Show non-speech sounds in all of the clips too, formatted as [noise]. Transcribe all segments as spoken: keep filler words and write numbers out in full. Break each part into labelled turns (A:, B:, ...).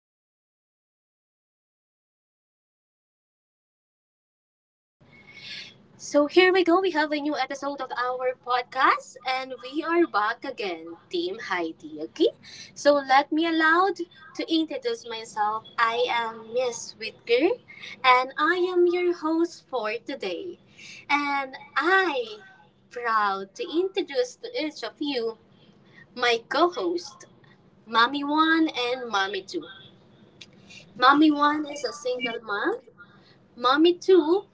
A: I hope everyone is feeling okay, okay? So, here we go. We have a new episode of our podcast, and we are back again, Team Heidi, okay? So, let me allowed to introduce myself. I am Miss Whitaker, and I am your host for today. And I proud to introduce to each of you my co-host. Mommy one and Mommy two. Mommy one is a single mom. Mommy two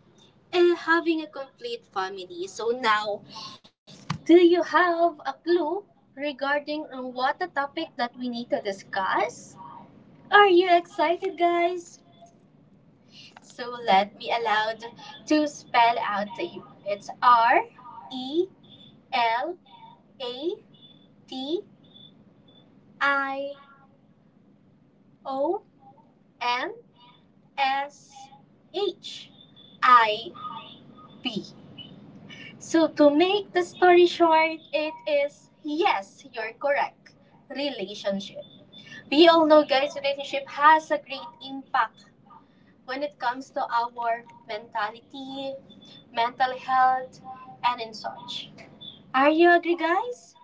A: is having a complete family. So now, do you have a clue regarding on what the topic that we need to discuss? Are you excited, guys? So let me allowed to spell out to you. It's R E L A T I O N S H I B. So, to make the story short, it is yes, you're correct. Relationship. We all know, guys, relationship has a great impact when it comes to our mentality, mental health, and in such. Are you agree, guys?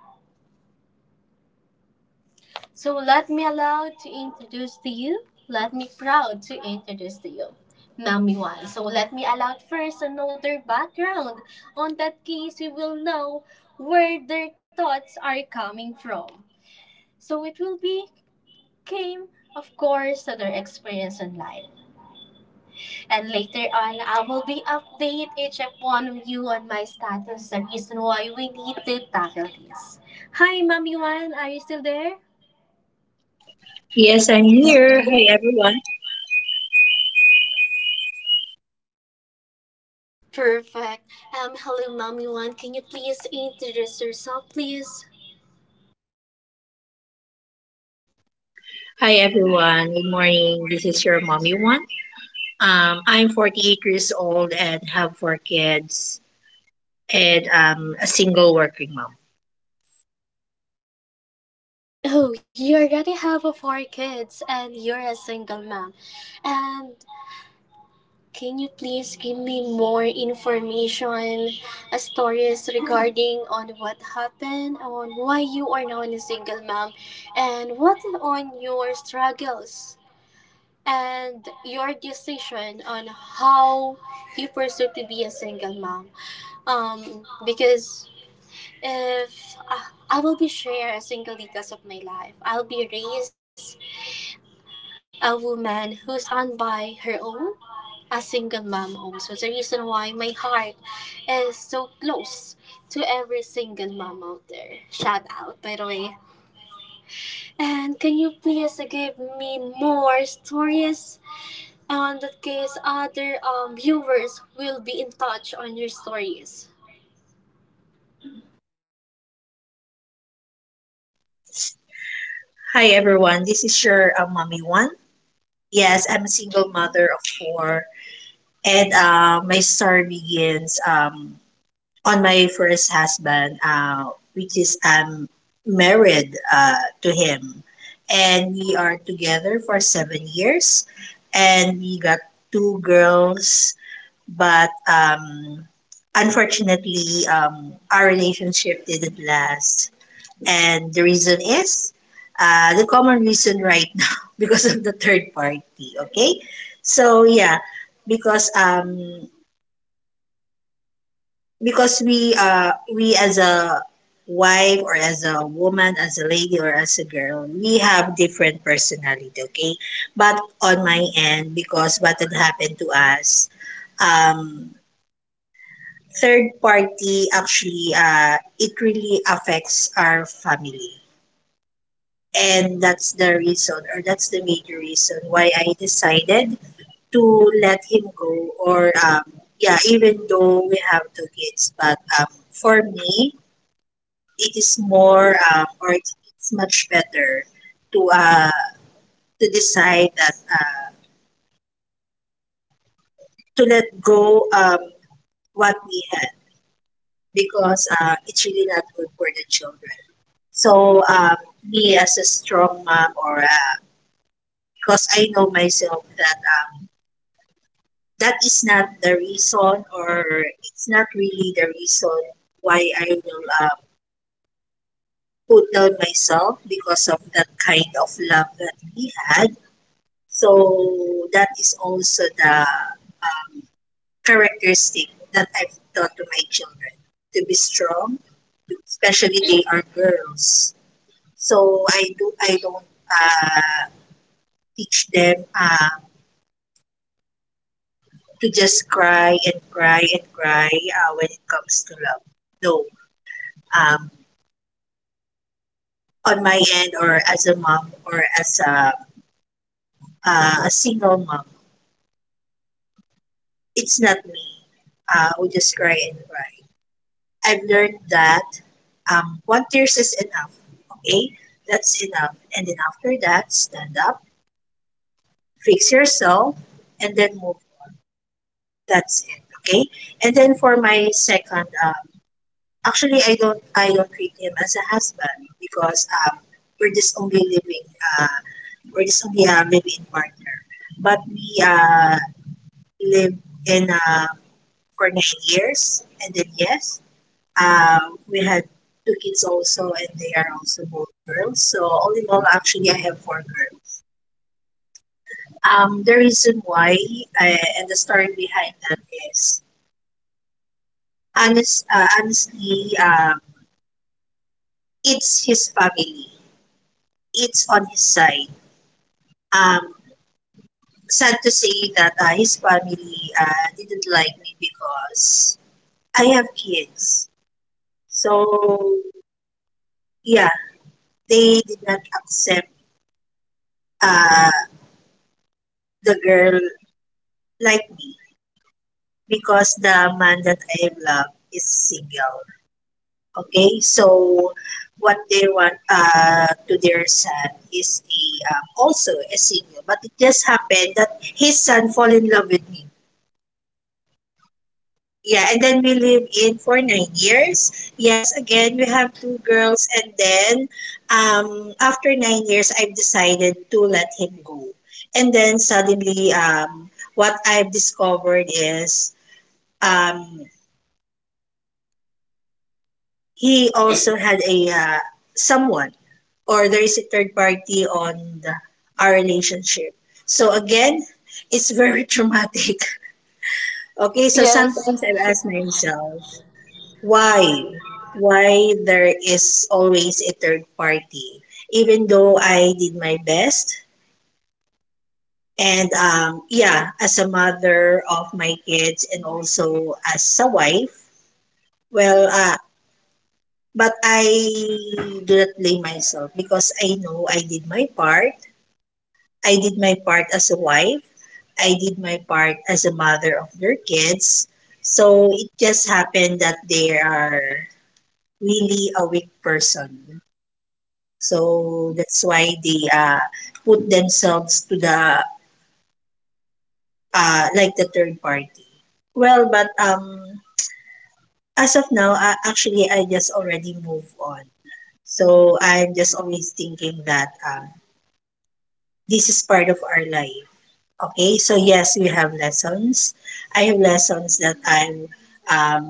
A: So let me allow to introduce to you. Let me proud to introduce to you. Mommy One. So let me allow first another background. On that case, you will know where their thoughts are coming from. So it will be came, of course, to their experience in life. And later on, I will be update each of one of you on my status, the reason why we need to tackle this. Hi, Mommy One. Are you still there?
B: Yes, I'm here. Hi, everyone.
A: Perfect. Um, hello, mommy one. Can you please introduce yourself, please?
B: Hi, everyone. Good morning. This is your mommy one. Um, I'm forty-eight years old and have four kids, and I'm a single working mom.
A: Oh, you already have uh, four kids, and you're a single mom. And can you please give me more information, uh, stories regarding on what happened, on why you are now a single mom, and what on your struggles and your decision on how you pursue to be a single mom um because if uh, I will be share a single details of my life, I'll be raised a woman who stand by her own, a single mom also. The reason why my heart is so close to every single mom out there. Shout out, by the way. And can you please give me more stories? On that case, other um, viewers will be in touch on your stories.
B: Hi, everyone. This is your uh, mommy one. Yes, I'm a single mother of four, and uh, my story begins um, on my first husband, uh, which is I'm married uh, to him, and we are together for seven years, and we got two girls, but um, unfortunately, um, our relationship didn't last, and the reason is. Uh, the common reason right [laughs] now because of the third party. Okay, so yeah, because um because we uh we as a wife or as a woman, as a lady or as a girl, we have different personality. Okay, but on my end, because what had happened to us, um third party actually uh it really affects our family, and that's the reason, or that's the major reason why I decided to let him go, or um yeah. Even though we have two kids, but um for me, it is more um, or it's, it's much better to uh, to decide that uh, to let go um, what we had, because uh, it's really not good for the children. So um, Me as a strong mom, or uh, because I know myself that uh, that is not the reason, or it's not really the reason why I will uh, put down myself because of that kind of love that we had. So that is also the characteristic that I've taught to my children, to be strong, especially they are girls. So I do I don't uh, teach them uh, to just cry and cry and cry uh, when it comes to love. No, um, on my end, or as a mom, or as a uh, a single mom, it's not me uh, who just cry and cry. I've learned that um, one tears is enough. Okay? That's enough. And then after that, stand up, fix yourself, and then move. That's it. Okay? And then for my second, um, actually, I don't, I don't treat him as a husband because um, we're just only living, uh, we're just only a living partner. But we uh, live in uh, for nine years, and then yes, Um, we had two kids also, and they are also both girls. So all in all, actually, I have four girls. Um, the reason why uh, and the story behind that is honest, uh, honestly, um, it's his family. It's on his side. Um, Sad to say that uh, his family uh, didn't like me because I have kids. So yeah, they did not accept uh, the girl like me. Because the man that I love is single. Okay, so what they want uh, to their son is a um, also a single, but it just happened that his son fall in love with me. Yeah, and then we live in for nine years. Yes, again we have two girls, and then um, after nine years, I've decided to let him go. And then suddenly, um, what I've discovered is um, he also had a uh, someone, or there is a third party on the, our relationship. So again, it's very [laughs] traumatic. Okay, so
A: Yes.
B: sometimes I've asked myself, why? Why there is always a third party? Even though I did my best, and um, yeah, as a mother of my kids and also as a wife, well, uh, But I do not blame myself because I know I did my part. I did my part as a wife. I did my part as a mother of their kids. So it just happened that they are really a weak person. So that's why they uh, put themselves to the uh, like the third party. Well, but um, As of now, uh, actually, I just already move on. So I'm just always thinking that um, this is part of our life. Okay, so yes, we have lessons. I have lessons that I'm um,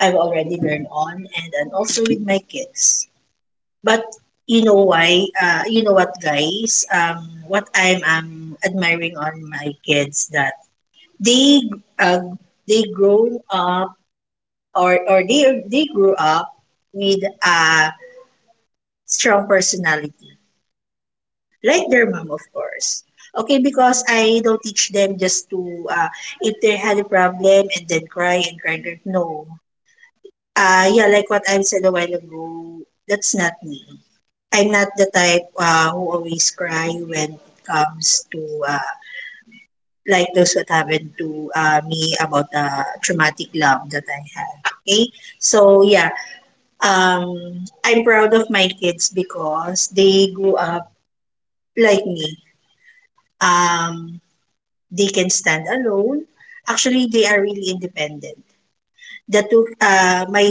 B: I've already learned on, and, and also with my kids. But you know why? Uh, you know what, guys? Um, what I'm um, admiring on my kids that they uh, they grown up or or they they grew up with a strong personality, like their mom, of course. Okay, because I don't teach them just to, uh, if they had a problem and then cry and cry and cry. No. Uh, yeah, like what I said a while ago, that's not me. I'm not the type uh, who always cry when it comes to, uh, like those what happened to uh, me about the uh, traumatic love that I had. Okay? So, yeah, um, I'm proud of my kids because they grew up like me. Um, they can stand alone. Actually, they are really independent. The two, uh, my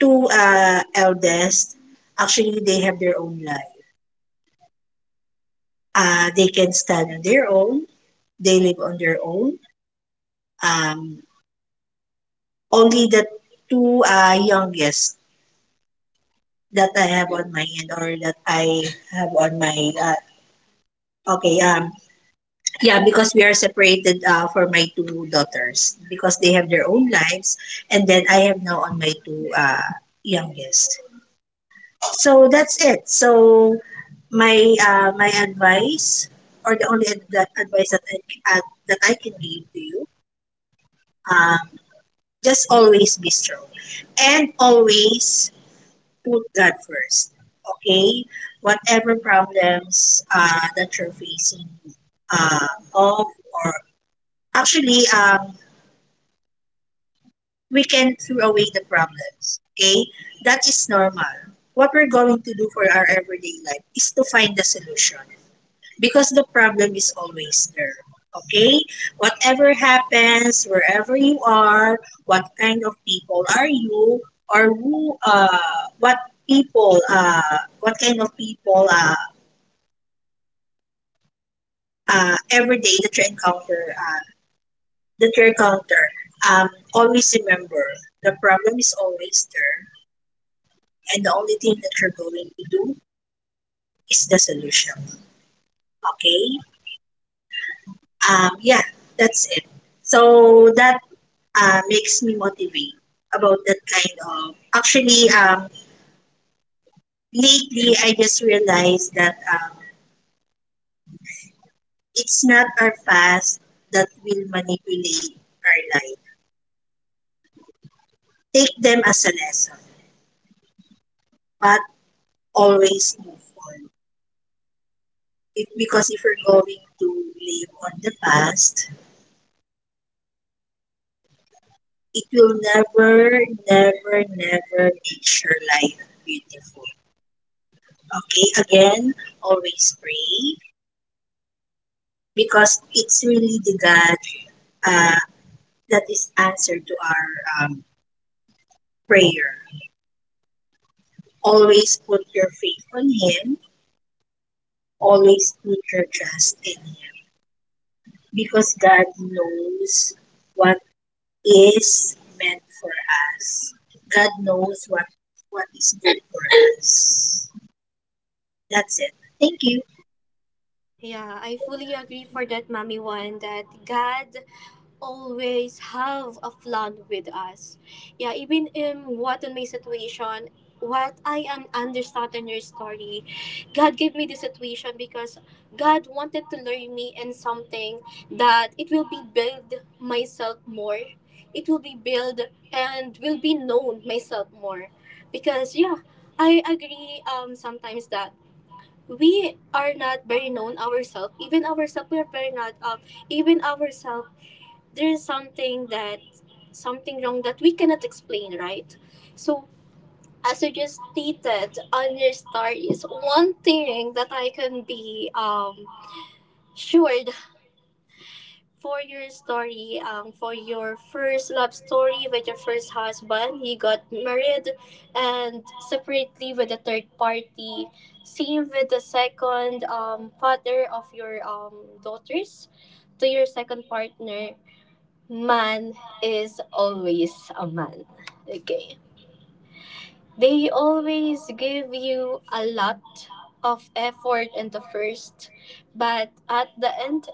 B: two uh, eldest, actually, they have their own life. Uh, they can stand on their own. They live on their own. Um, Only the two uh, youngest that I have on my end, or that I have on my uh, okay um yeah, because we are separated uh, for my two daughters because they have their own lives, and then I have now on my two uh, youngest. So that's it. So my uh, my advice, or the only ad- that advice that I uh, that I can give to you, um, just always be strong, and always put God first. Okay, whatever problems uh, that you're facing, uh, of or actually, um, we can throw away the problems. Okay, that is normal. What we're going to do for our everyday life is to find the solution, because the problem is always there. Okay? Whatever happens, wherever you are, what kind of people are you, or who, uh, what people, uh, what kind of people, uh, uh, every day that you encounter, uh, that you encounter, um, always remember the problem is always there, and the only thing that you're going to do is the solution. Okay? Um, yeah, that's it. So that uh, makes me motivate about that kind of. Actually, um, lately I just realized that um, it's not our past that will manipulate our life. Take them as a lesson, but always move on. If, because if we're going to live on the past, it will never, never, never make your life beautiful. Okay, again, always pray because it's really the God uh, that is answer to our um, prayer. Always put your faith on Him. Always put your trust in Him. Because God knows what is meant for us. God knows what what is good for us. That's it. Thank you.
A: Yeah, I fully agree for that, Mommy One, that God always have a flood with us. Yeah, even in what in my situation, what I am understand in your story, God gave me this situation because God wanted to learn me in something that it will be build myself more. It will be build and will be known myself more. Because yeah, I agree um sometimes that we are not very known ourselves. Even ourselves we are very not um even ourselves there is something that something wrong that we cannot explain, right? So as you just stated on your stories, one thing that I can be um sure for your story, um, for your first love story with your first husband, you got married and separately with a third party. Same with the second um, father of your um, daughters to your second partner man is always a man. Okay. They always give you a lot of effort in the first, but at the end,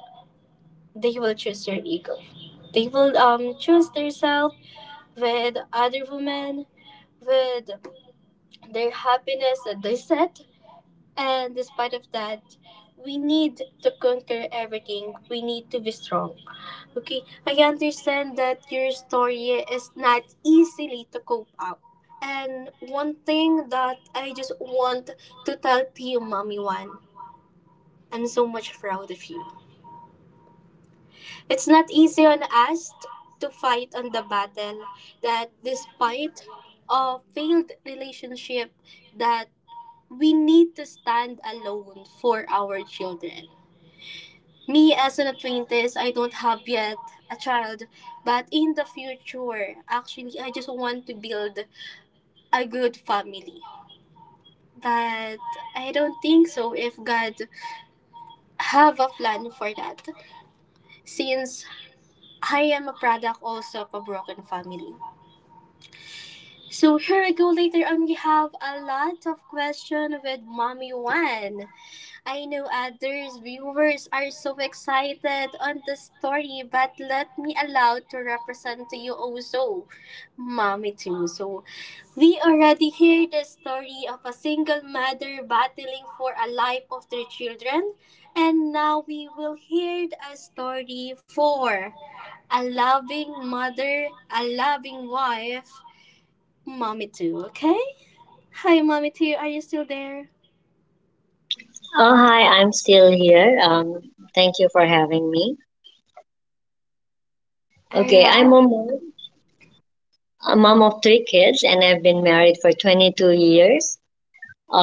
A: they will choose your ego. They will um choose themselves with other women, with their happiness that they set, and despite of that, we need to conquer everything. We need to be strong. Okay, I understand that your story is not easily to cope up. And one thing that I just want to tell to you, Mommy One, I'm so much proud of you. It's not easy on us to fight on the battle that despite a failed relationship that we need to stand alone for our children. Me as an apprentice, I don't have yet a child, but in the future, actually, I just want to build a good family. But I don't think so if God have a plan for that, since I am a product also of a broken family. So here we go later on. We have a lot of question with Mommy One. I know others viewers are so excited on the story, but let me allow to represent to you also, mommy too. So we already hear the story of a single mother battling for a life of their children, and now we will hear a story for a loving mother, a loving wife, mommy too. Okay? Hi, mommy too. Are you still there?
B: Thank you. Okay, I'm
A: Alright.
B: a mom, a mom of three kids, and I've been married for twenty-two years.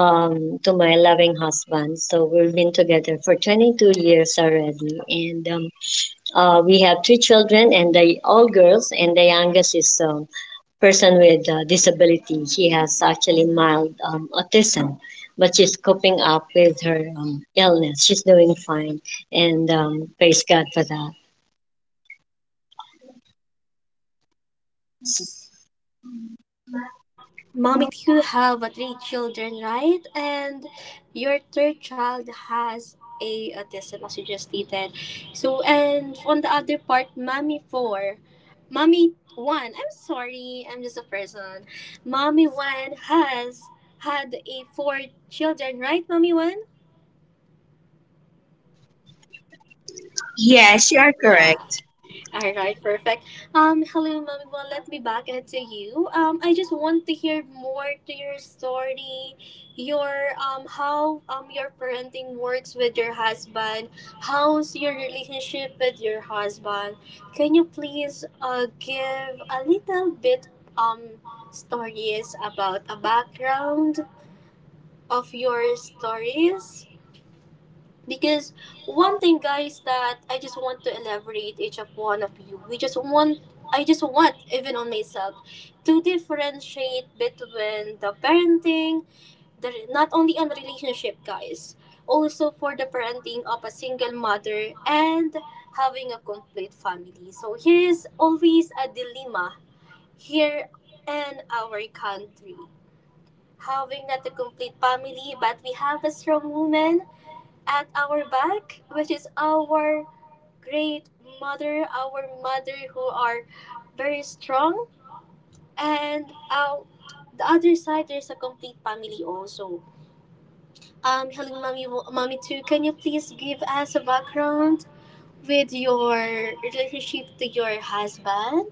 B: um, To my loving husband. So we've been together for twenty-two years already, and um, uh, we have three children, and they all girls, and the youngest is a person with uh disability. She has actually mild um, autism. But she's coping up with her um, illness. She's doing fine, and um, praise God for that.
A: Mommy, you have uh, three children, right? And your third child has a autism, as you just stated. So, and on the other part, mommy four, mommy one. I'm sorry, I'm just a person. Mommy one has had a four children, right? Mommy one.
B: Yes, you are
A: Yeah.
B: correct.
A: All right, perfect. Um, hello, Mommy. Well, let me back it to you. Um, I just want to hear more to your story, your um, how um your parenting works with your husband. How's your relationship with your husband? Can you please uh give a little bit um stories about a background of your stories? Because one thing, guys, that I just want to elaborate each of one of you. We just want, I just want, even on myself, to differentiate between the parenting, the not only on relationship, guys, also for the parenting of a single mother and having a complete family. So here is always a dilemma here in our country. Having not a complete family, but we have a strong woman at our back, which is our great mother, our mother who are very strong. And uh, the other side, there's a complete family also. Um, hello, mommy, mommy too. Can you please give us a background with your relationship to your husband?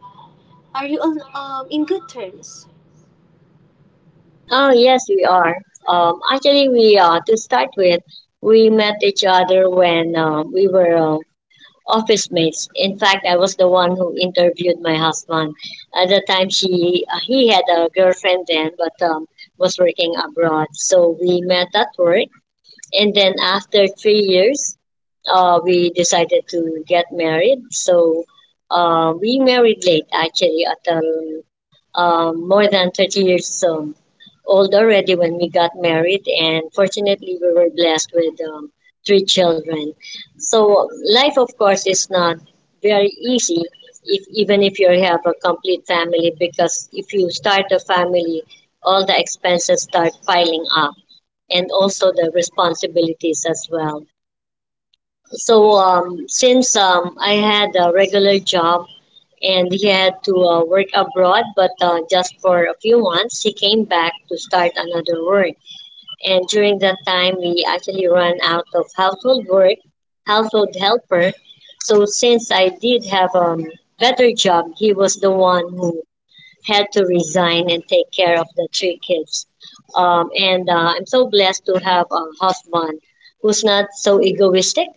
A: Are you on um in good terms?
B: Oh, yes, we are. Um, actually, we uh, to start with, we met each other when uh, we were uh, office mates. In fact, I was the one who interviewed my husband. At the time, she uh, he had a girlfriend then, but um, was working abroad. So we met at work, and then after three years, uh, we decided to get married. So uh, we married late, actually, at um, um, more than thirty years um, old already when we got married, and fortunately, we were blessed with um, three children. So, life, of course, is not very easy, if, even if you have a complete family, because if you start a family, all the expenses start piling up, and also the responsibilities as well. So um, since um, I had a regular job and he had to uh, work abroad, but uh, just for a few months. He came back to start another work. And during that time, we actually ran out of household work, household helper. So since I did have a um, better job, he was the one who had to resign and take care of the three kids. Um, and uh, I'm so blessed to have a husband who's not so egoistic,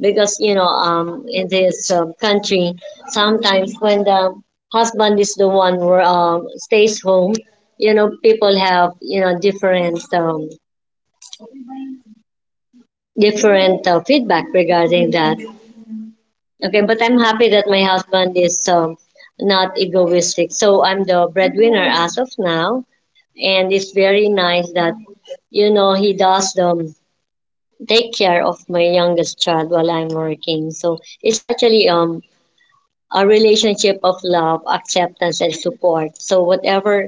B: because, you know, um, in this um, country, sometimes when the husband is the one who um, stays home, you know, people have, you know, different, um, different uh, feedback regarding that. Okay, but I'm happy that my husband is um, not egoistic. So I'm the breadwinner as of now, and it's very nice that you know he does um take care of my youngest child while I'm working. So it's actually um a relationship of love, acceptance, and support. So whatever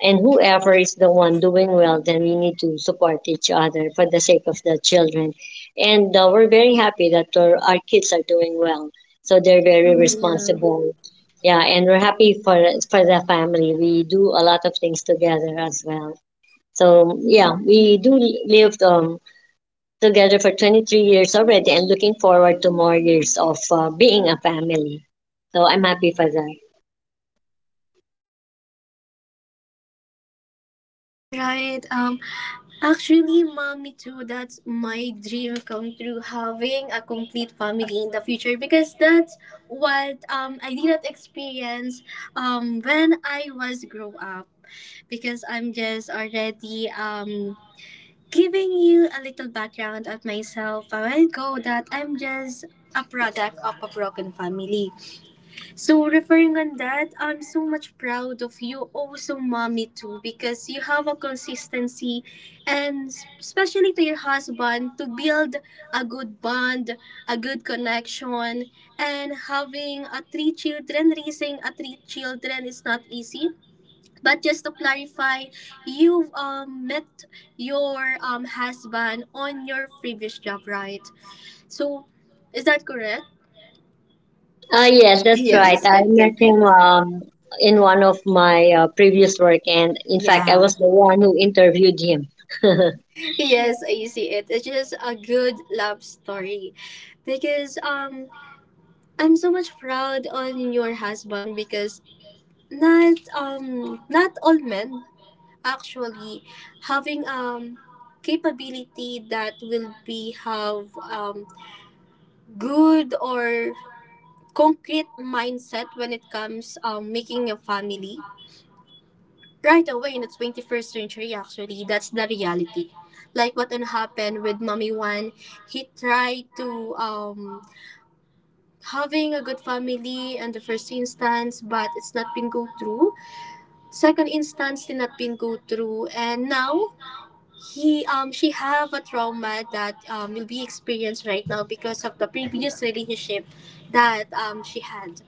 B: and whoever is the one doing well, then we need to support each other for the sake of the children. And uh, we're very happy that our, our kids are doing well. So they're very responsible. Yeah, and we're happy for for the family. We do a lot of things together as well. So yeah, we do live um, together for twenty-three years already and looking forward to more years of uh, being a family. So I'm happy for that.
A: Right. Um, actually, mommy too, that's my dream come true, having a complete family in the future because that's what um I did not experience um when I was grow up because I'm just already um giving you a little background of myself a while ago that I'm just a product of a broken family. So referring on that, I'm so much proud of you also mommy too because you have a consistency and s- especially to your husband to build a good bond, a good connection and having a three children, raising a three children is not easy. But just to clarify, you um, met your um, husband on your previous job, right? So is that correct?
B: Ah yes, that's right.
A: Yes,
B: I met
A: okay.
B: him um, in one of my uh, previous work, and in fact, I
A: Yeah.
B: was the one who interviewed him. [laughs]
A: Yes, I see it. It's just a good love story. Because um I'm so much proud on your husband because not um not all men actually having um capability that will be have um good or concrete mindset when it comes um making a family right away in the twenty-first century actually that's the reality like what happened with mommy one he tried to um having a good family in the first instance but it's not been go through second instance did not been go through and now he um she have a trauma that um will be experienced right now because of the previous relationship that um she had.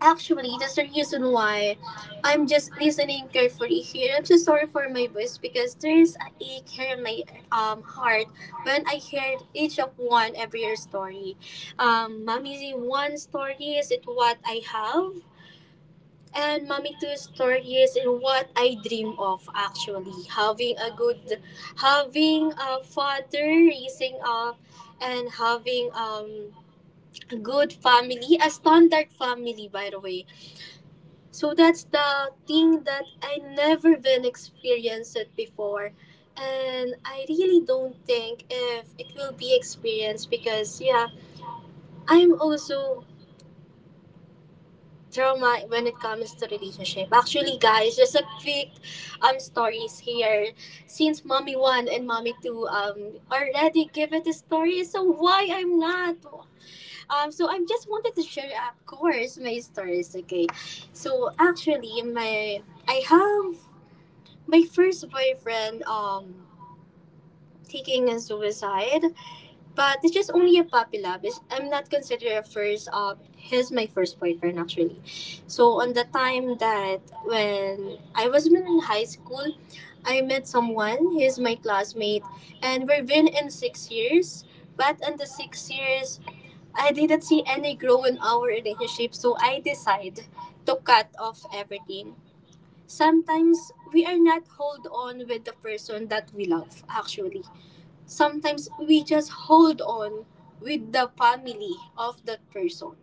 A: Actually, that's the reason why I'm just listening carefully here. I'm so sorry for my voice because there's a ache here in my um heart when I heard each of one every year story. Um, mommy one story is it what I have, and mommy two story is in what I dream of. Actually, having a good, having a father raising up, and having um a good family, a standard family by the way so that's the thing that I never been experienced it before. And I really don't think if it will be experienced because yeah, I'm also trauma when it comes to relationship. Actually guys, just a quick um stories here. Since mommy one and mommy two um already give it a story, so why I'm not? Um so I just wanted to share of course my stories, okay. So actually my I have my first boyfriend um taking a suicide but it's just only a puppy love. It's- I'm not considered a first um he's my first boyfriend actually so on the time that when I was in high school I met someone he's my classmate and we've been in six years but in the six years I didn't see any grow in our relationship so I decide to cut off everything. Sometimes we are not hold on with the person that we love actually. Sometimes we just hold on with the family of that person.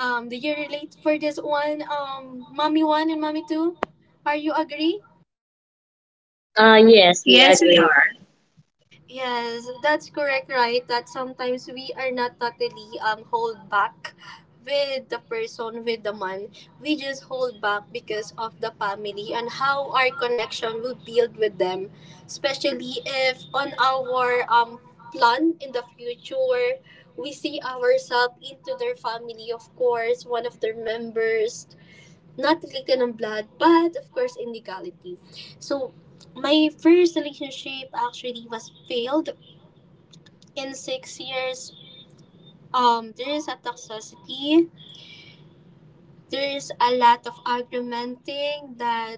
A: Um, do you relate for this one, um, mommy one and mommy two? Are you agree?
B: Ah yes, we Yes, we doing. Are.
A: Yes, that's correct, right? That sometimes we are not totally um hold back with the person, with the man. We just hold back because of the family and how our connection will build with them. Especially if on our um plan in the future we see ourselves into their family, of course, one of their members. Not related in blood, but of course in legality. So my first relationship actually was failed in six years. Um, there is a toxicity. There is a lot of argumenting that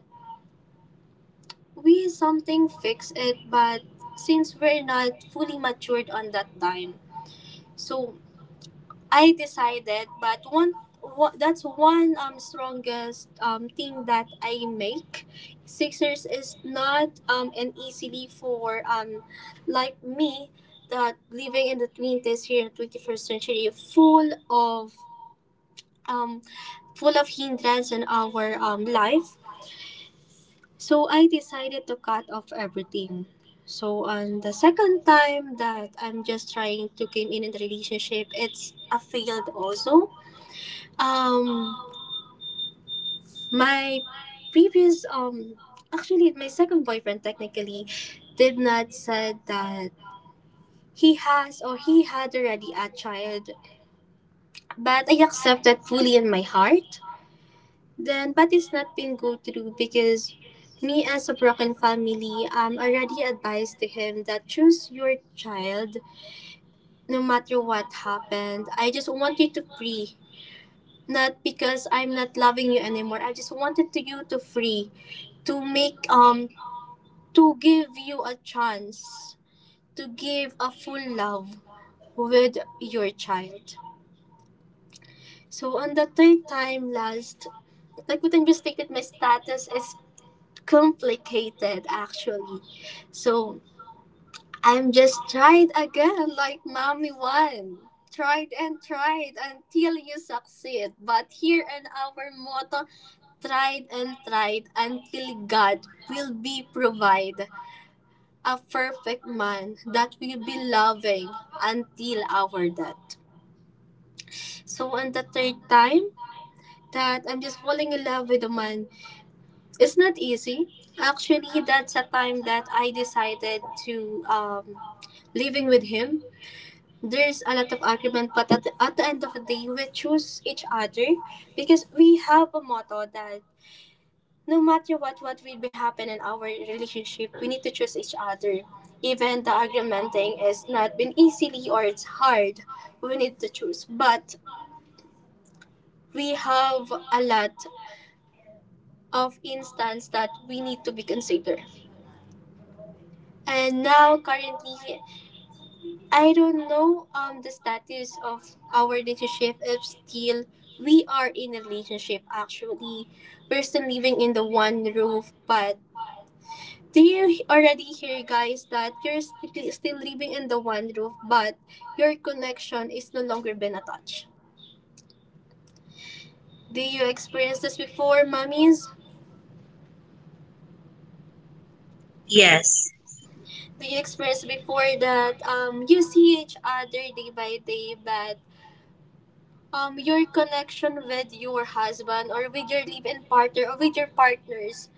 A: we something fix it, but since we're not fully matured on that time, so I decided. But one, wa- that's one um strongest um thing that I make. Six years is not um an easily for um like me that living in the twenties here in twenty-first century full of um, full of hindrance in our um, life. So I decided to cut off everything. So on the second time that I'm just trying to came in in the relationship, it's a failed also. Um, my previous um, actually my second boyfriend technically did not said that he has or he had already a child, but I accept that fully in my heart. Then, but it's not been go through because me as a broken family, um, already advised to him that choose your child no matter what happened. I just want you to free. Not because I'm not loving you anymore. I just wanted to you to free, to make um to give you a chance to give a full love with your child. So on the third time last, like what I just stated, my status is complicated actually. So I'm just tried again like mommy one. Tried and tried until you succeed. But here in our motto, tried and tried until God will be provide a perfect man that will be loving until our death. So on the third time that I'm just falling in love with a man. It's not easy. Actually, that's a time that I decided to um, living with him. There's a lot of argument, but at the, at the end of the day, we choose each other because we have a motto that no matter what what will be happen in our relationship, we need to choose each other. Even the argumenting is not been easily or it's hard, we need to choose. But we have a lot of instance that we need to be considered. And now, currently, I don't know um the status of our relationship if still we are in a relationship actually. We're still living in the one roof, but do you already hear guys that you're sti- still living in the one roof but your connection is no longer been attached? Do you experience this before, mommies?
B: Yes.
A: Do you experience before that um you see each other day by day but um your connection with your husband or with your live-in partner or with your partners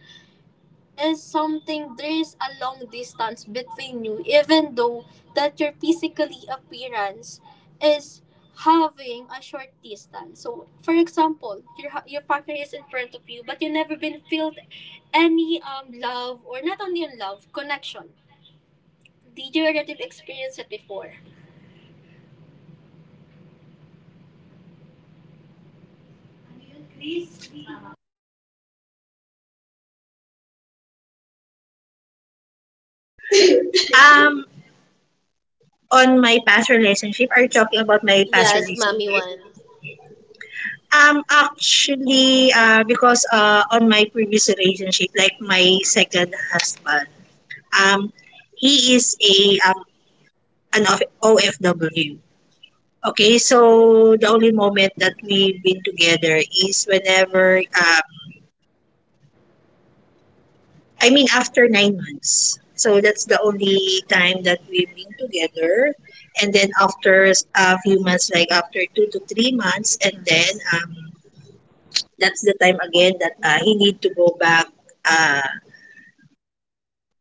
A: is something there is a long distance between you even though that your physically appearance is having a short distance, so for example your hu- your partner is in front of you but you never been filled any um love or not only in love connection, did you already experience it before?
B: Um, on my past relationship, are you talking about my past
A: Yes, mommy
B: relationship?
A: one.
B: Um, actually, uh, because uh, On my previous relationship, like my second husband, um, he is a um, an of- O F W. Okay, so the only moment that we've been together is whenever, um, I mean, after nine months. So that's the only time that we've been together. And then after a few months, like after two to three months, and then um, that's the time again that uh, he need to go back uh,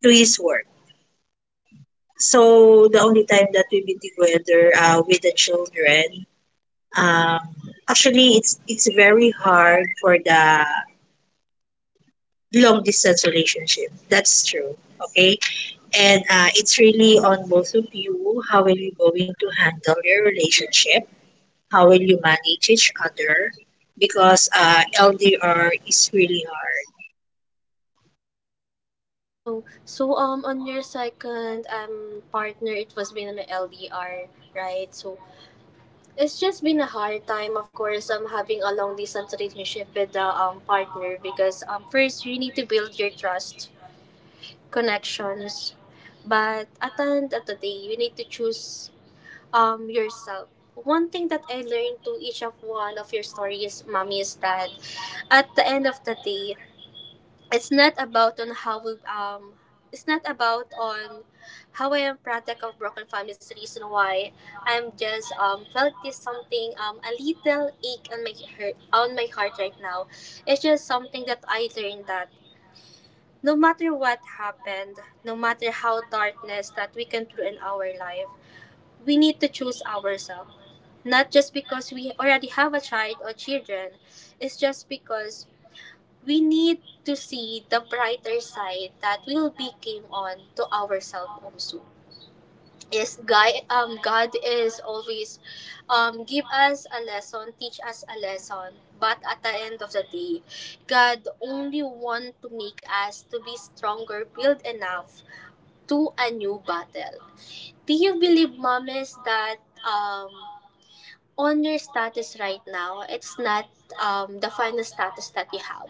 B: to his work. So the only time that we've been together uh, with the children, um, actually it's it's very hard for the long distance relationship. That's true. Okay. And uh, it's really on both of you. How will you going to handle your relationship? How will you manage each other? Because uh, L D R is really hard.
A: Oh, so um, on your second um partner, it was been an L D R, right? So it's just been a hard time, of course. Um, having a long distance relationship with the um partner because um first you need to build your trust, connections, but at the end of the day, you need to choose um yourself. One thing that I learned to each of one of your stories, mommy, is that at the end of the day, it's not about on how we um it's not about on how I am product of broken families the reason why I'm just um felt this something um a little ache on my heart on my heart right now. It's just something that I learned that no matter what happened, no matter how darkness that we can through in our life, we need to choose ourselves. Not just because we already have a child or children, it's just because we need to see the brighter side that will be came on to ourselves also. Yes, God, um, God is always um, give us a lesson, teach us a lesson. But at the end of the day, God only want to make us to be stronger, build enough to a new battle. Do you believe, mommies, that um, on your status right now, it's not um, the final status that you have.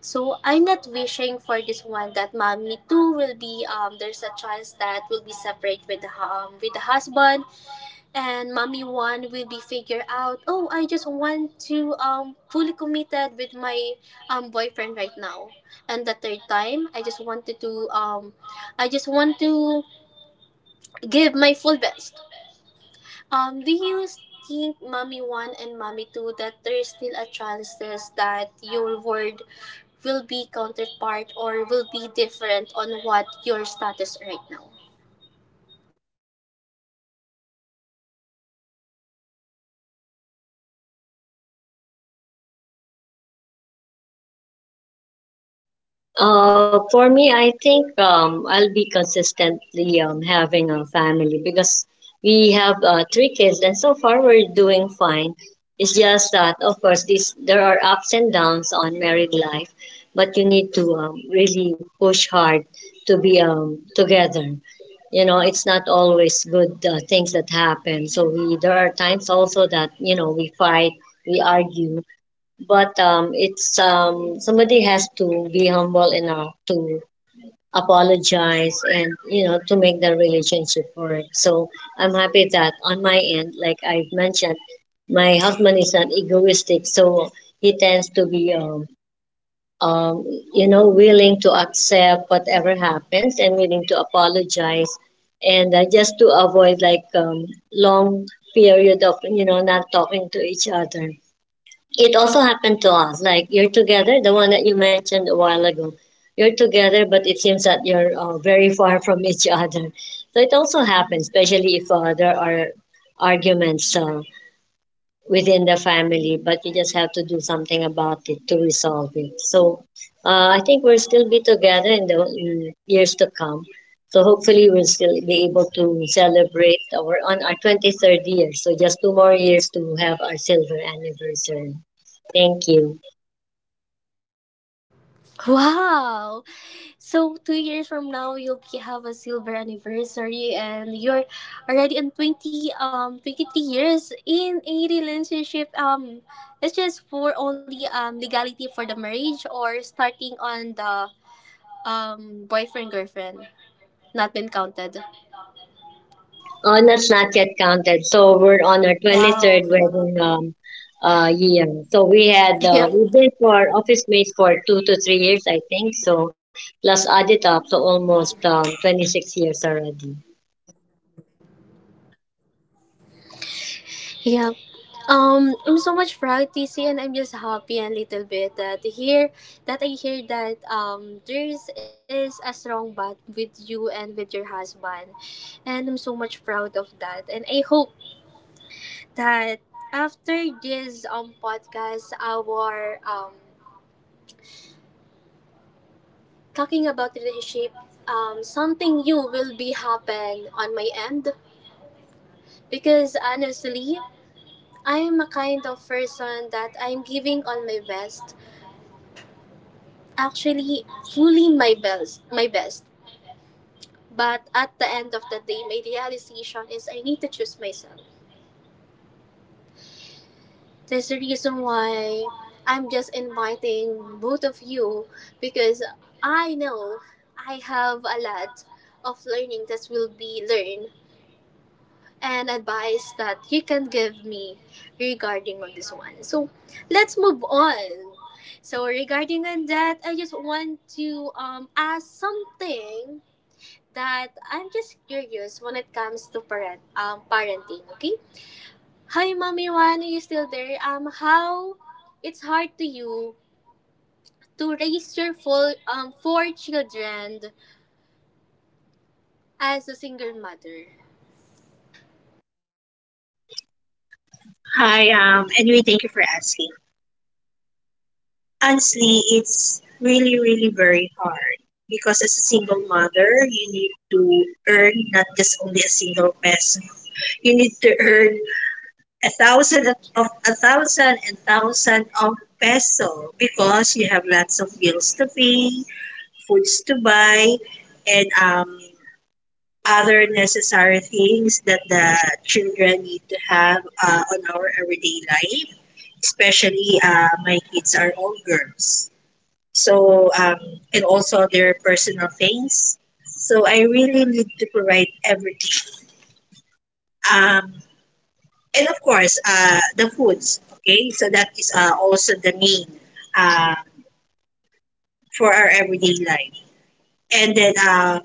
A: So I'm not wishing for this one that mommy too will be um, there's a chance that will be separate with the um, with the husband, and mommy one will be figure out oh I just want to um fully committed with my um boyfriend right now and the third time I just wanted to um I just want to give my full best. Um, do you think Mommy one and Mommy two that there is still a chances that your word will be counterpart or will be different on what your status right now?
B: Uh, for me, I think um, I'll be consistently um, having a family because we have uh, three kids, and so far we're doing fine. It's just that, of course, this there are ups and downs on married life, but you need to um, really push hard to be um, together. You know, it's not always good uh, things that happen. So we there are times also that you know we fight, we argue, but um, it's um, somebody has to be humble enough to apologize and you know to make the relationship work. So I'm happy that on my end, like I have mentioned, my husband is not egoistic, so he tends to be um, um, you know willing to accept whatever happens and willing to apologize, and uh, just to avoid like um, long period of you know not talking to each other. It also happened to us. Like you're together, the one that you mentioned a while ago. You're together, but it seems that you're uh, very far from [laughs] each other. So it also happens, especially if uh, there are arguments. So within the family, but you just have to do something about it to resolve it. So uh, I think we'll still be together in the in years to come. So hopefully we'll still be able to celebrate our on our twenty-third year. So just two more years to have our silver anniversary. Thank you.
A: Wow! So two years from now, you'll be- have a silver anniversary, and you're already in twenty um twenty three years in a relationship. Um, it's just for only um legality for the marriage or starting on the um boyfriend girlfriend not been counted.
B: Oh, that's not yet counted. So we're on our twenty-third
A: Wow.
B: wedding um, uh, year. So we had, uh,
A: Yeah.
B: we've been for office mates for two to three years, I think. So plus add it up, so almost um, twenty-six years already.
A: Yeah. Um, I'm so much proud, T C, and I'm just happy a little bit that here that I hear that um there's is is a strong bond with you and with your husband. And I'm so much proud of that. And I hope that after this um podcast our um talking about relationship um something new will be happen on my end because honestly I am a kind of person that I'm giving all my best. Actually, fully my best, my best. But at the end of the day, my realization is I need to choose myself. There's a reason why I'm just inviting both of you because I know I have a lot of learning that will be learned and advice that you can give me regarding on this one. So let's move on. So regarding on that, I just want to um ask something that I'm just curious when it comes to parent um parenting. Okay. Hi, Mommy Juan, are you still there? Um, how it's hard to you to raise your full um four children as a single mother.
B: Hi, um, anyway, thank you for asking. Honestly, it's really, really very hard because as a single mother, you need to earn not just only a single peso. You need to earn a thousand of a thousand and thousand of peso because you have lots of bills to pay, foods to buy, and um, other necessary things that the children need to have uh, on our everyday life. Especially, uh, my kids are all girls, so um, and also their personal things. So I really need to provide everything. Um, and of course uh, the foods, okay, so that is uh, also the main uh, for our everyday life, and then uh,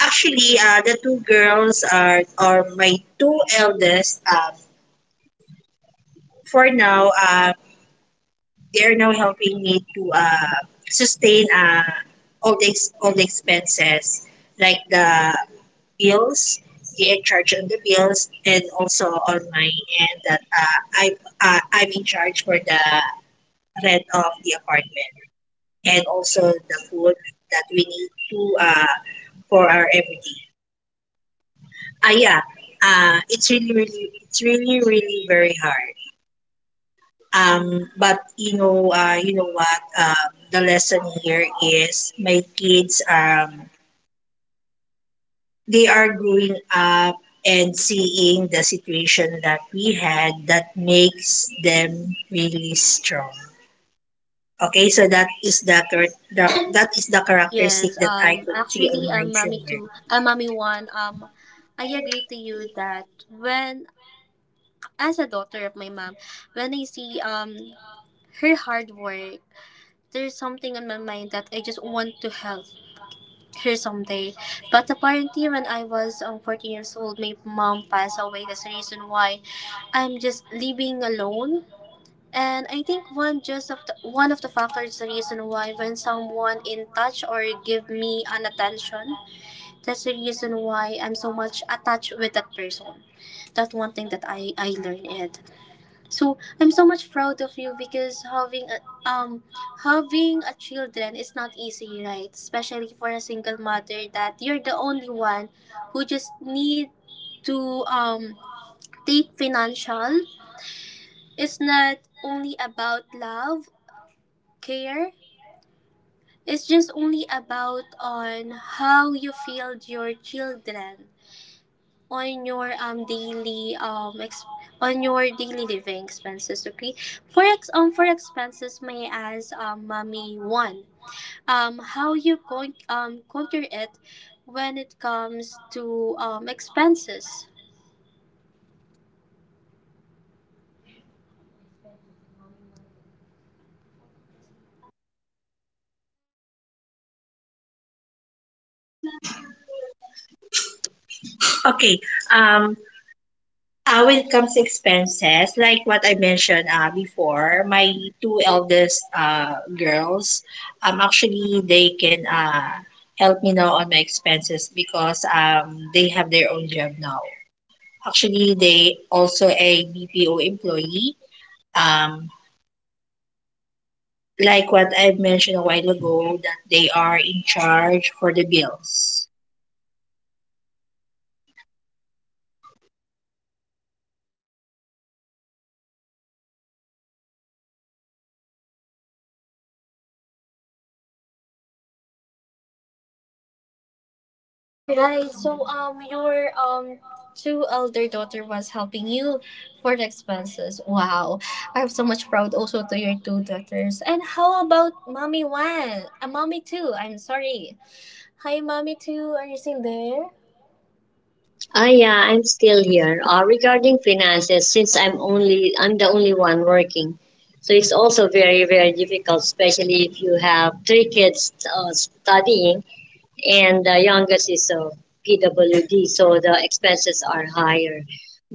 B: actually uh, the two girls are are my two eldest. Um, for now, uh, they are now helping me to uh, sustain uh, all the ex- all the expenses like the bills. They are charge on the bills, and also on my end that uh, I uh, I'm in charge for the rent of the apartment, and also the food that we need to uh, for our everyday. Ah, yeah. Uh, it's really, really, it's really, really very hard. Um, but you know, uh, you know what? Um, the lesson here is my kids. Um, they are growing up and seeing the situation that we had that makes them really strong. Okay, so that is the, char- the that is the characteristic
A: Yes,
B: that I
A: um,
B: could see
A: actually,
B: on my
A: I'm mommy
B: children.
A: two. I'm mommy one. Um, I agree to you that when, as a daughter of my mom, when I see um her hard work, there's something on my mind that I just want to help her someday. But apparently, when I was um fourteen years old, my mom passed away. That's the reason why I'm just living alone. And I think one just of the, one of the factors the reason why when someone in touch or give me an attention, that's the reason why I'm so much attached with that person. That one thing that I I learned it. So I'm so much proud of you because having a, um having a children is not easy, right? Especially for a single mother that you're the only one who just need to um take financial. It's not only about love, care. It's just only about on how you feel your children on your um daily um ex- on your daily living expenses. Okay, for ex- um for expenses may I ask um mommy one um how you going um counter it when it comes to um expenses.
B: Okay. Um, uh, when it comes to expenses, like what I mentioned uh, before, my two eldest uh, girls, um, actually they can uh, help me now on my expenses because um, they have their own job now. Actually, they also a B P O employee. Um, like what I mentioned a while ago, that they are in charge for the bills.
A: All right, so um your um two elder daughter was helping you for the expenses. Wow, I'm so much proud also to your two daughters. And how about mommy one, uh, mommy two, I'm sorry. Hi, mommy too. Are you still there?
B: Ah, yeah, I'm still here. Uh, regarding finances, since I'm only I'm the only one working, so it's also very very difficult, especially if you have three kids uh, studying, and the youngest is a P W D, so the expenses are higher.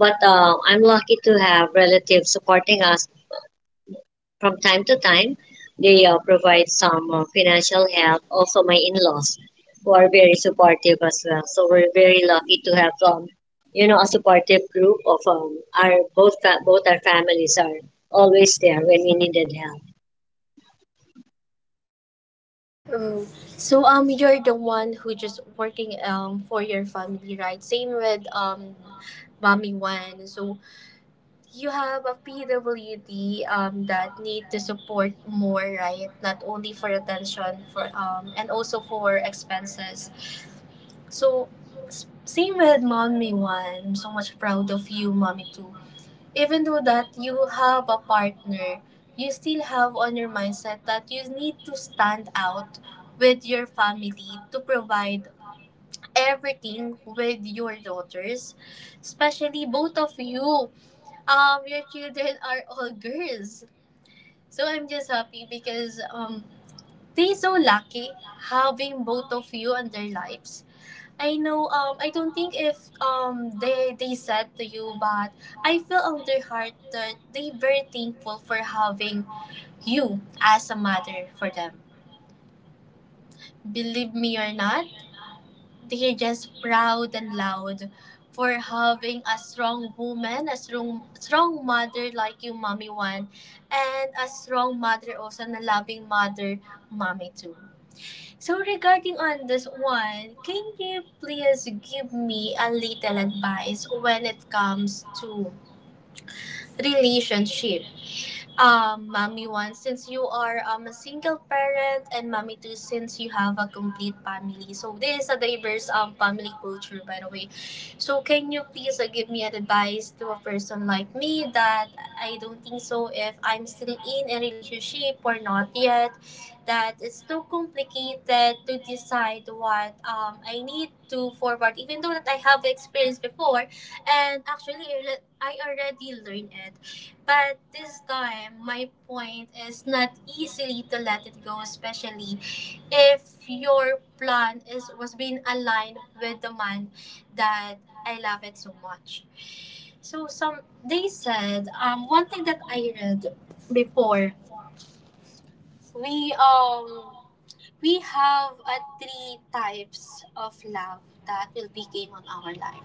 B: But uh, I'm lucky to have relatives supporting us from time to time, they uh, provide some uh, financial help. Also, my in-laws, who are very supportive as well. So we're very lucky to have um, you know, a supportive group of um, our both fa- both our families are always there when we needed help.
A: Oh, so um, you're the one who just working um for your family, right? Same with um, mommy one. So you have a P W D um that need to support more, right? Not only for attention, for um, and also for expenses. So s- same with mommy one. I'm so much proud of you, mommy two. Even though that you have a partner, you still have on your mindset that you need to stand out with your family to provide everything with your daughters, especially both of you. Um, your children are all [laughs] girls, so I'm just happy because um they so lucky having both of you on their lives. I know. Um, I don't think if um they they said to you, but I feel on their heart that they very thankful for having you as a mother for them. Believe me or not, they're just proud and loud for having a strong woman, a strong strong mother like you, mommy one, and a strong mother also, and a loving mother, mommy two. So regarding on this one, can you please give me a little advice when it comes to relationship? Um, mommy One, since you are um, a single parent, and Mommy Two, since you have a complete family, so this is a diverse um, family culture, by the way. So can you please uh, give me an advice to a person like me that I don't think so if I'm still in a relationship or not yet, that it's too complicated to decide what um, I need to forward, even though that I have experience before. And actually, i alre- I already learned it. But this time, my point is not easily to let it go, especially if your plan is was being aligned with the man that I love it so much. So some they said um one thing that I read before. We um we have uh, three types of love that will be came on our life.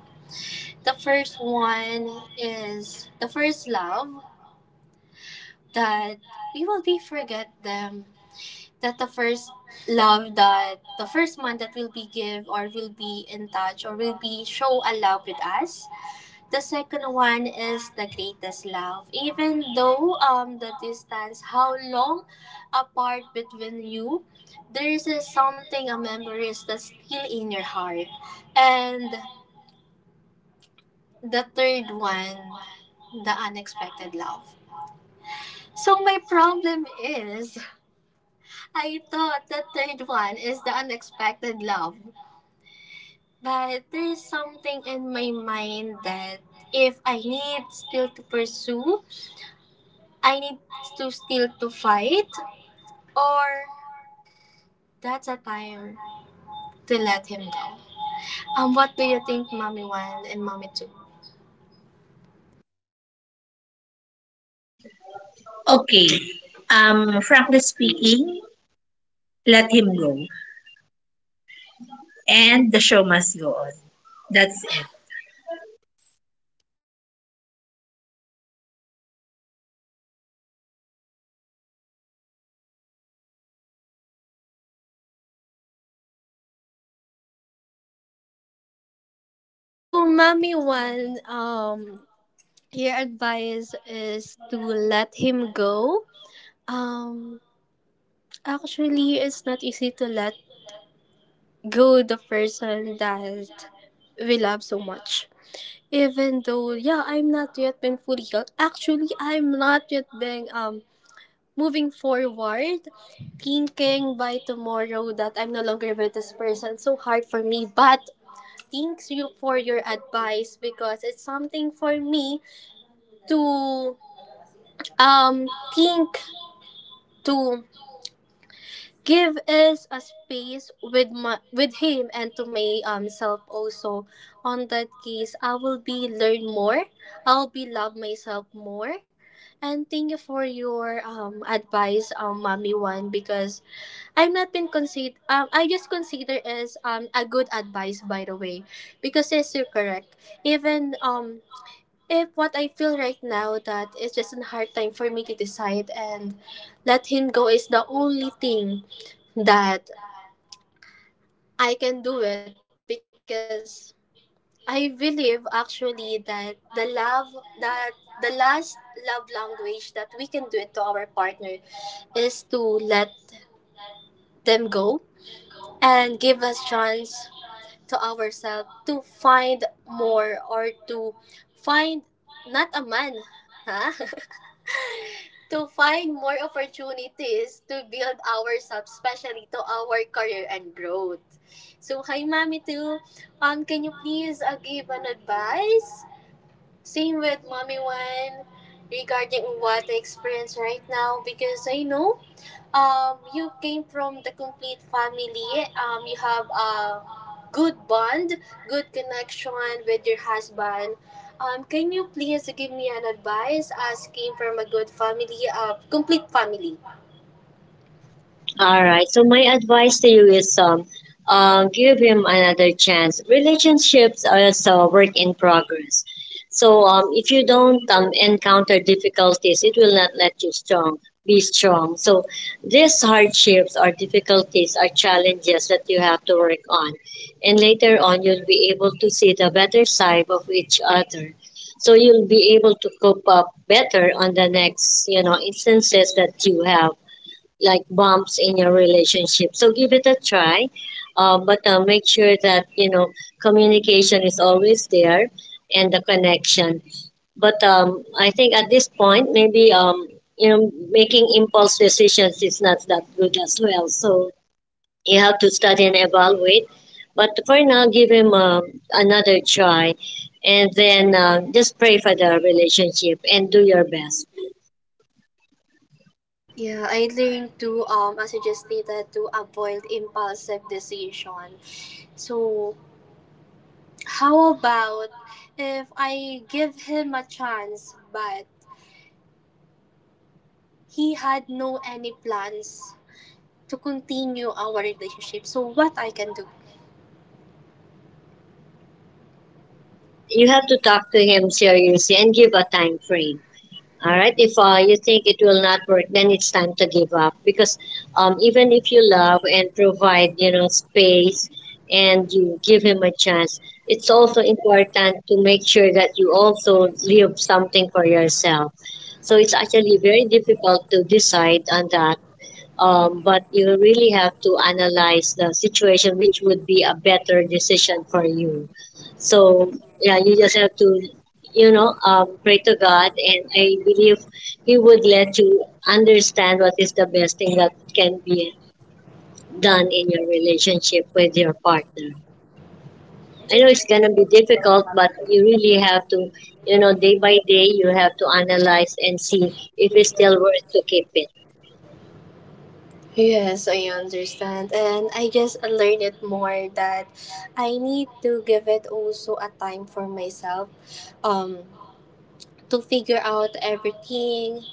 A: The first one is the first love that we will be forget them, that the first love, that the first one that will be give or will be in touch or will be show a love with us. The second one is the greatest love, even though um the distance how long apart between you, there is a something, a memories that's still in your heart. And the third one, the unexpected love. So my problem is, I thought the third one is the unexpected love. But there's something in my mind that if I need still to pursue, I need to still to fight, or that's a time to let him go. Um, what do you think, Mommy One and Mommy Two?
B: Okay. Um, frankly speaking, let him go. And the show must go on. That's it.
A: So, Mommy One, um, your advice is to let him go. Um, Actually, it's not easy to let go the person that we love so much. Even though, yeah, I'm not yet been fully healed. Actually, I'm not yet being um moving forward, thinking by tomorrow that I'm no longer with this person. So hard for me, but thanks you for your advice because it's something for me to um think, to give us a space with my, with him, and to my um, self also. On that case, I will be learn more. I'll be love myself more. And thank you for your um advice, um Mommy One, because I'm not been consider, um I just consider as um a good advice, by the way, because yes, you're correct, even um if what I feel right now that it's just a hard time for me to decide, and let him go is the only thing that I can do it, because I believe actually that the love that the last love language that we can do it to our partner is to let them go and give us chance to ourselves to find more, or to find not a man, huh? [laughs] To find more opportunities to build ourselves, especially to our career and growth. So, hi, Mommy Two. Um, can you please uh, give an advice? Same with Mommy One regarding what I experience right now, because I know, um, you came from the complete family. Um, you have a good bond, good connection with your husband. Um, can you please give me an advice as came from a good family, a complete family?
B: All right. So my advice to you is um, um, give him another chance. Relationships are also a work in progress. So um, if you don't um, encounter difficulties, it will not let you strong be strong. So these hardships or difficulties are challenges that you have to work on, and later on you'll be able to see the better side of each other. So you'll be able to cope up better on the next you know instances that you have like bumps in your relationship. So give it a try, uh, but uh, make sure that you know communication is always there and the connection. But um, I think at this point, maybe um, you know making impulse decisions is not that good as well. So you have to study and evaluate. But for now, give him uh, another try, and then uh, just pray for the relationship and do your best.
A: Yeah, I learned to, um, as you just stated, to avoid impulsive decision. So, how about if I give him a chance, but he had no any plans to continue our relationship. So what I can do?
B: You have to talk to him seriously and give a time frame. All right. If uh, you think it will not work, then it's time to give up because um, even if you love and provide, you know, space and you give him a chance, it's also important to make sure that you also leave something for yourself. So it's actually very difficult to decide on that, um, but you really have to analyze the situation, which would be a better decision for you. So yeah, you just have to, you know, um, pray to God, and I believe He would let you understand what is the best thing that can be done in your relationship with your partner. I know it's gonna be difficult, but you really have to, you know, day by day, you have to analyze and see if it's still worth to keep it.
A: Yes, I understand. And I just learned it more that I need to give it also a time for myself, um, to figure out everything,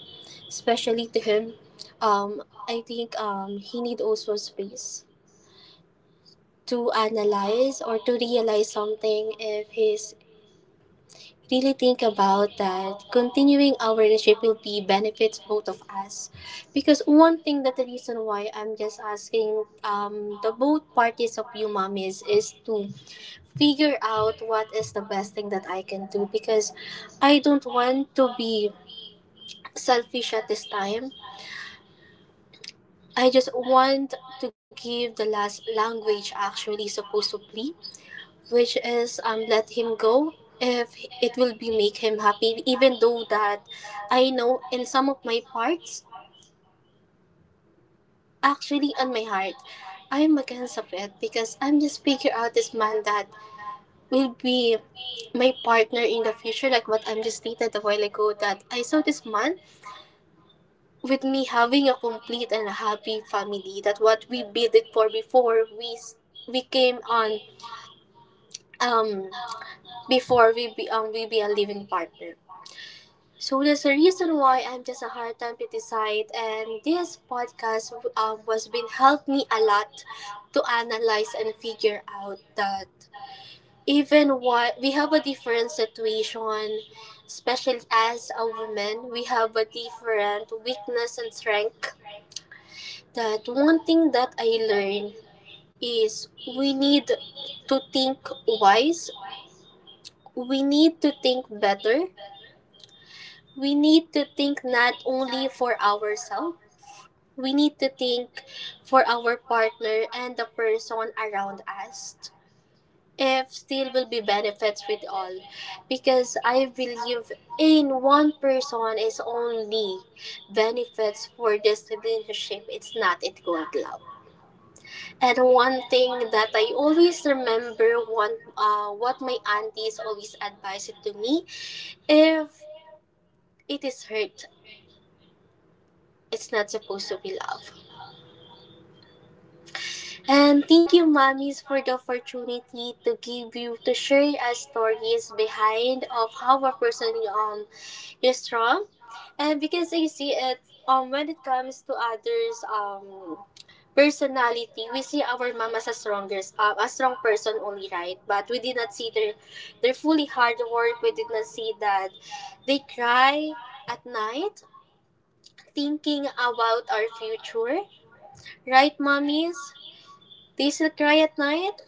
A: especially to him. Um, I think um, he need also space to analyze or to realize something if he's really think about that continuing our relationship will be benefits both of us, because one thing that the reason why I'm just asking, um the both parties of you mommies, is to figure out what is the best thing that I can do, because I don't want to be selfish at this time. I just want to give the last language actually supposed to be, which is um let him go if it will be make him happy, even though that I know in some of my parts, actually on my heart, I'm against of it, because I'm just figure out this man that will be my partner in the future, like what I'm just stated a while ago that I saw this man with me having a complete and a happy family, that what we bid it for before we s- we came on, um before we be um we be a living partner. So there's a reason why I'm just a hard time to decide, and this podcast um, was been helped me a lot to analyze and figure out that even what we have a different situation, especially as a woman, we have a different weakness and strength. That one thing that I learned is we need to think wise. We need to think better. We need to think not only for ourselves. We need to think for our partner and the person around us if still will be benefits with all, because I believe in one person is only benefits for this relationship, it's not it called love. And one thing that I always remember, one, uh, what my aunties always advised to me, if it is hurt, it's not supposed to be love. And thank you, mommies, for the opportunity to give you to share our stories behind of how a person um is strong, and because I see it um when it comes to others um personality, we see our mom as a strongest uh, a strong person only, right? But we did not see their their fully hard work. We did not see that they cry at night, thinking about our future, right, mommies? They still cry at night.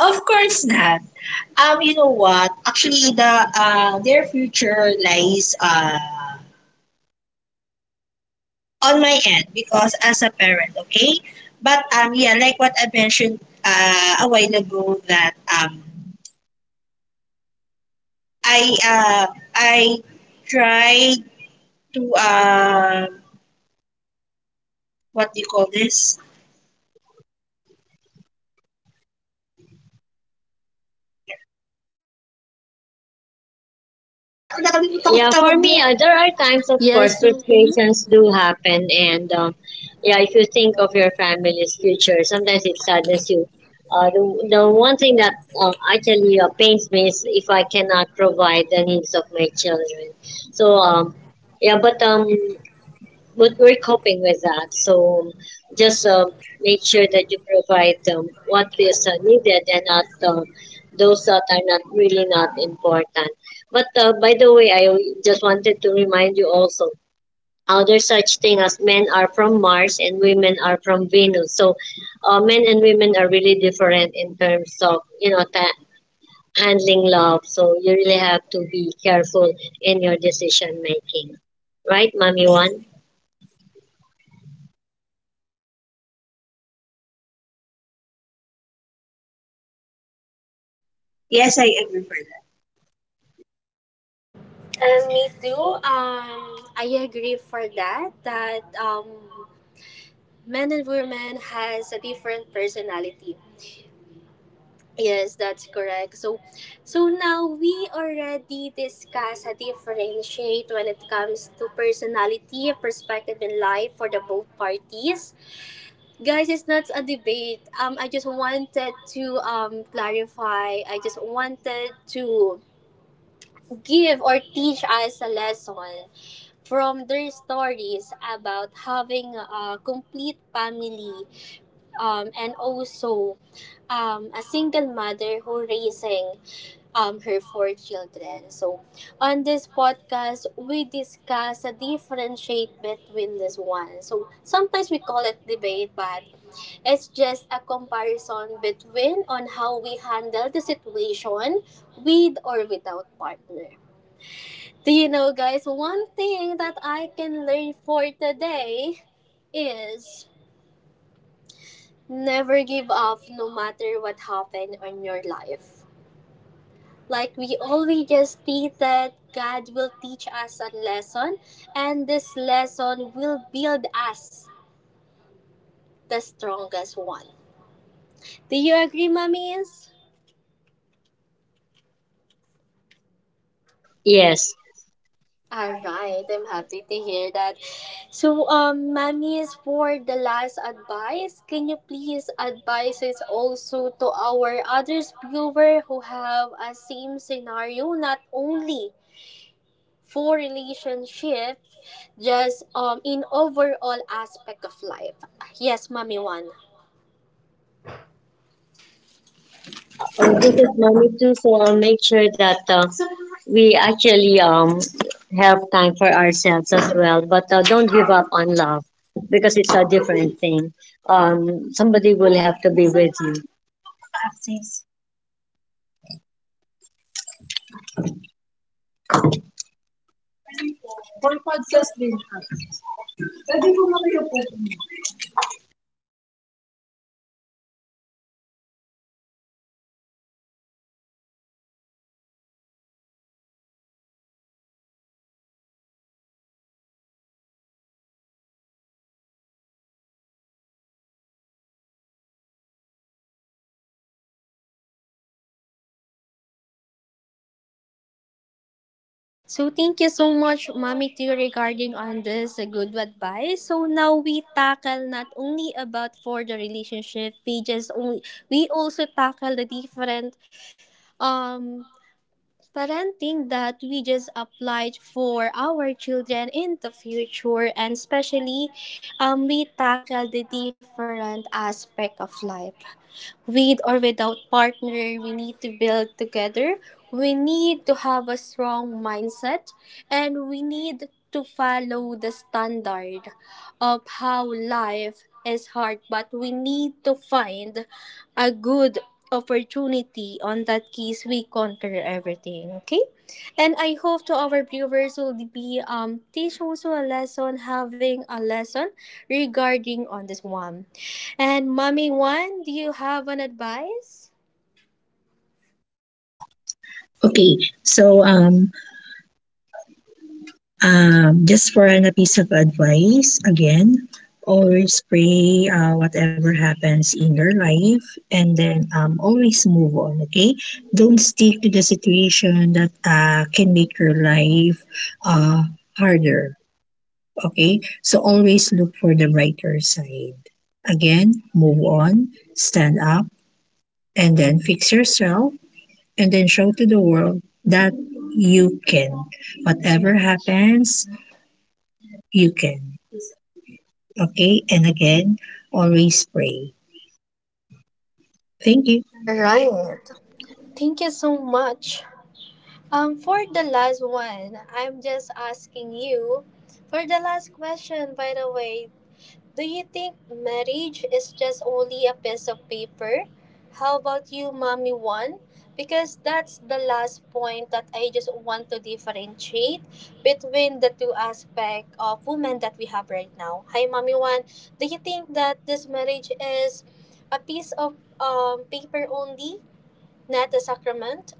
B: Of course not. Um, you know what? Actually, the uh, their future lies uh, on my end because as a parent, okay. But um, yeah, like what I mentioned uh, a while ago, that um, I uh, I tried to uh, what do you call this? Yeah, for me, uh, there are times, of course,
A: Yes, so- mhm.
B: frustrations do happen, and um, yeah, if you think of your family's future, sometimes it saddens you. Uh, the, the one thing that um, actually uh, pains me is if I cannot provide the needs of my children. So um, yeah, but um, but we're coping with that. So just um, make sure that you provide um, what is uh, needed and not um, those that are not really not important. But uh, by the way, I just wanted to remind you also how there's such thing as men are from Mars and women are from Venus. So uh, men and women are really different in terms of you know ta- handling love. So you really have to be careful in your decision making, right, Mommy? One. Yes, I agree.
A: Uh, me too. Um, I agree for that. That, um, men and women has a different personality. Yes, that's correct. So, so now we already discuss a differentiate when it comes to personality, perspective in life, for the both parties. Guys, it's not a debate. Um, I just wanted to um clarify. I just wanted to give or teach us a lesson from their stories about having a complete family, um, and also um, a single mother who raising um, her four children. So on this podcast, we discuss a differentiate between this one. So sometimes we call it debate, but it's just a comparison between on how we handle the situation with or without partner. Do you know, guys, one thing that I can learn for today is never give up no matter what happened in your life. Like, we always just think that God will teach us a lesson, and this lesson will build us the strongest one. Do you agree, mummies?
B: Yes,
A: All right, I'm happy to hear that. So, um, Mami, for the last advice, can you please advise us also to our others viewer who have a same scenario, not only for relationship, just um in overall aspect of life. Yes, Mami, One.
B: this is money too. So I'll make sure that uh, we actually um have time for ourselves as well. But uh, don't give up on love because it's a different thing. Um, somebody will have to be with
A: So thank you so much, Mommy T, regarding on this uh, good advice. So now we tackle not only about for the relationship, we just only we also tackle the different um parenting that we just applied for our children in the future, and especially um we tackle the different aspect of life with or without partner. We need to build together. We need to have a strong mindset, and we need to follow the standard of how life is hard, but we need to find a good opportunity. On that case, we conquer everything. Okay, and I hope to our viewers will be um teach also a lesson, having a lesson regarding on this one. And Mommy One, do you have an advice?
B: you. Um, just for an, a piece of advice, again, always pray uh, whatever happens in your life, and then um, always move on, okay? Don't stick to the situation that uh, can make your life uh, harder, okay? So always look for the brighter side. Again, move on, stand up, and then fix yourself and then show to the world that you can. Whatever happens, you can. Okay, and again, always pray. Thank you.
A: All right. Thank you so much. Um, for the last one, I'm just asking you for the last question. By the way, do you think marriage is just only a piece of paper? How about you, Mommy One? Because that's the last point that I just want to differentiate between the two aspects of women that we have right now. Hi, Mommy One. Do you think that this marriage is a piece of um, paper only, not a sacrament?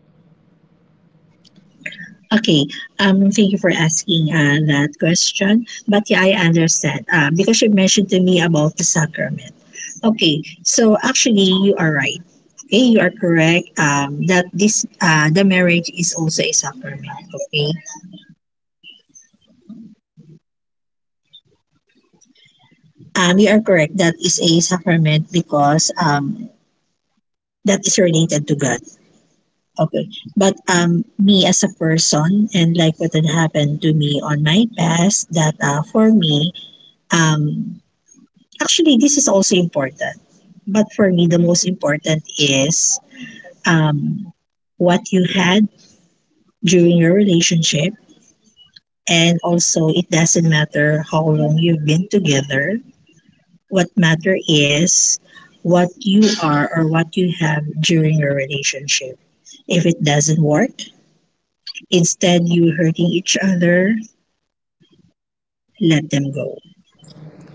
B: Okay, um, thank you for asking uh, that question. But yeah, I understand uh, because you mentioned to me about the sacrament. Okay, so actually, you are right. Okay, you are correct. Um, that this uh, the marriage is also a sacrament. Okay, um, you are correct. That is a sacrament because um, that is related to God. Okay. But um, me as a person and like what had happened to me on my past. That uh, for me, um, actually, this is also important. But for me, the most important is um, what you had during your relationship. And also, it doesn't matter how long you've been together. What matter is what you are or what you have during your relationship. If it doesn't work, instead you hurting each other, let them go.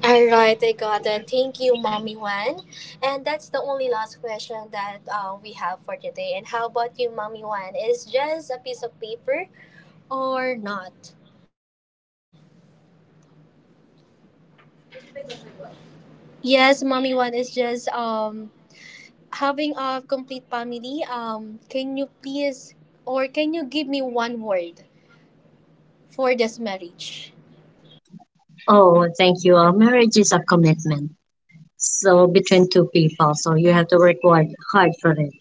A: All right, I got it. Thank you, Mommy Wan. And that's the only last question that uh, we have for today. And how about you, Mommy Wan? Is just a piece of paper or not? Yes, Mommy Wan is just um having a complete family. Um, can you please or can you give me one word for this marriage?
B: Oh, thank you. Uh, marriage is a commitment. So between two people, so you have to work hard, hard for it.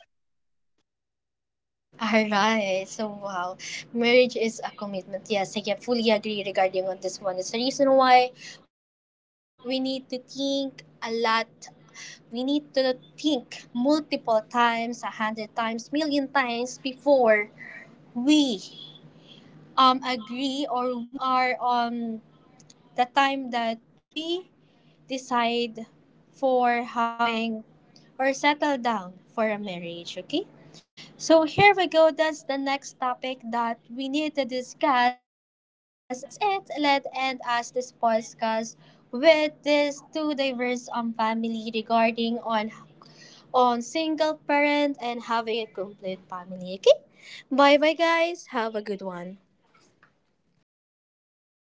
A: All right. So wow, marriage is a commitment. Yes, I can fully agree regarding on this one. It's the reason why we need to think a lot. We need to think multiple times, a hundred times, million times, before we um agree, or we are on the time that we decide for having or settle down for a marriage. Okay. So here we go. That's the next topic that we need to discuss. And now that's it. Let end us this podcast with these two diverse um family regarding on on single parent and having a complete family. Okay. Bye bye, guys. Have a good one.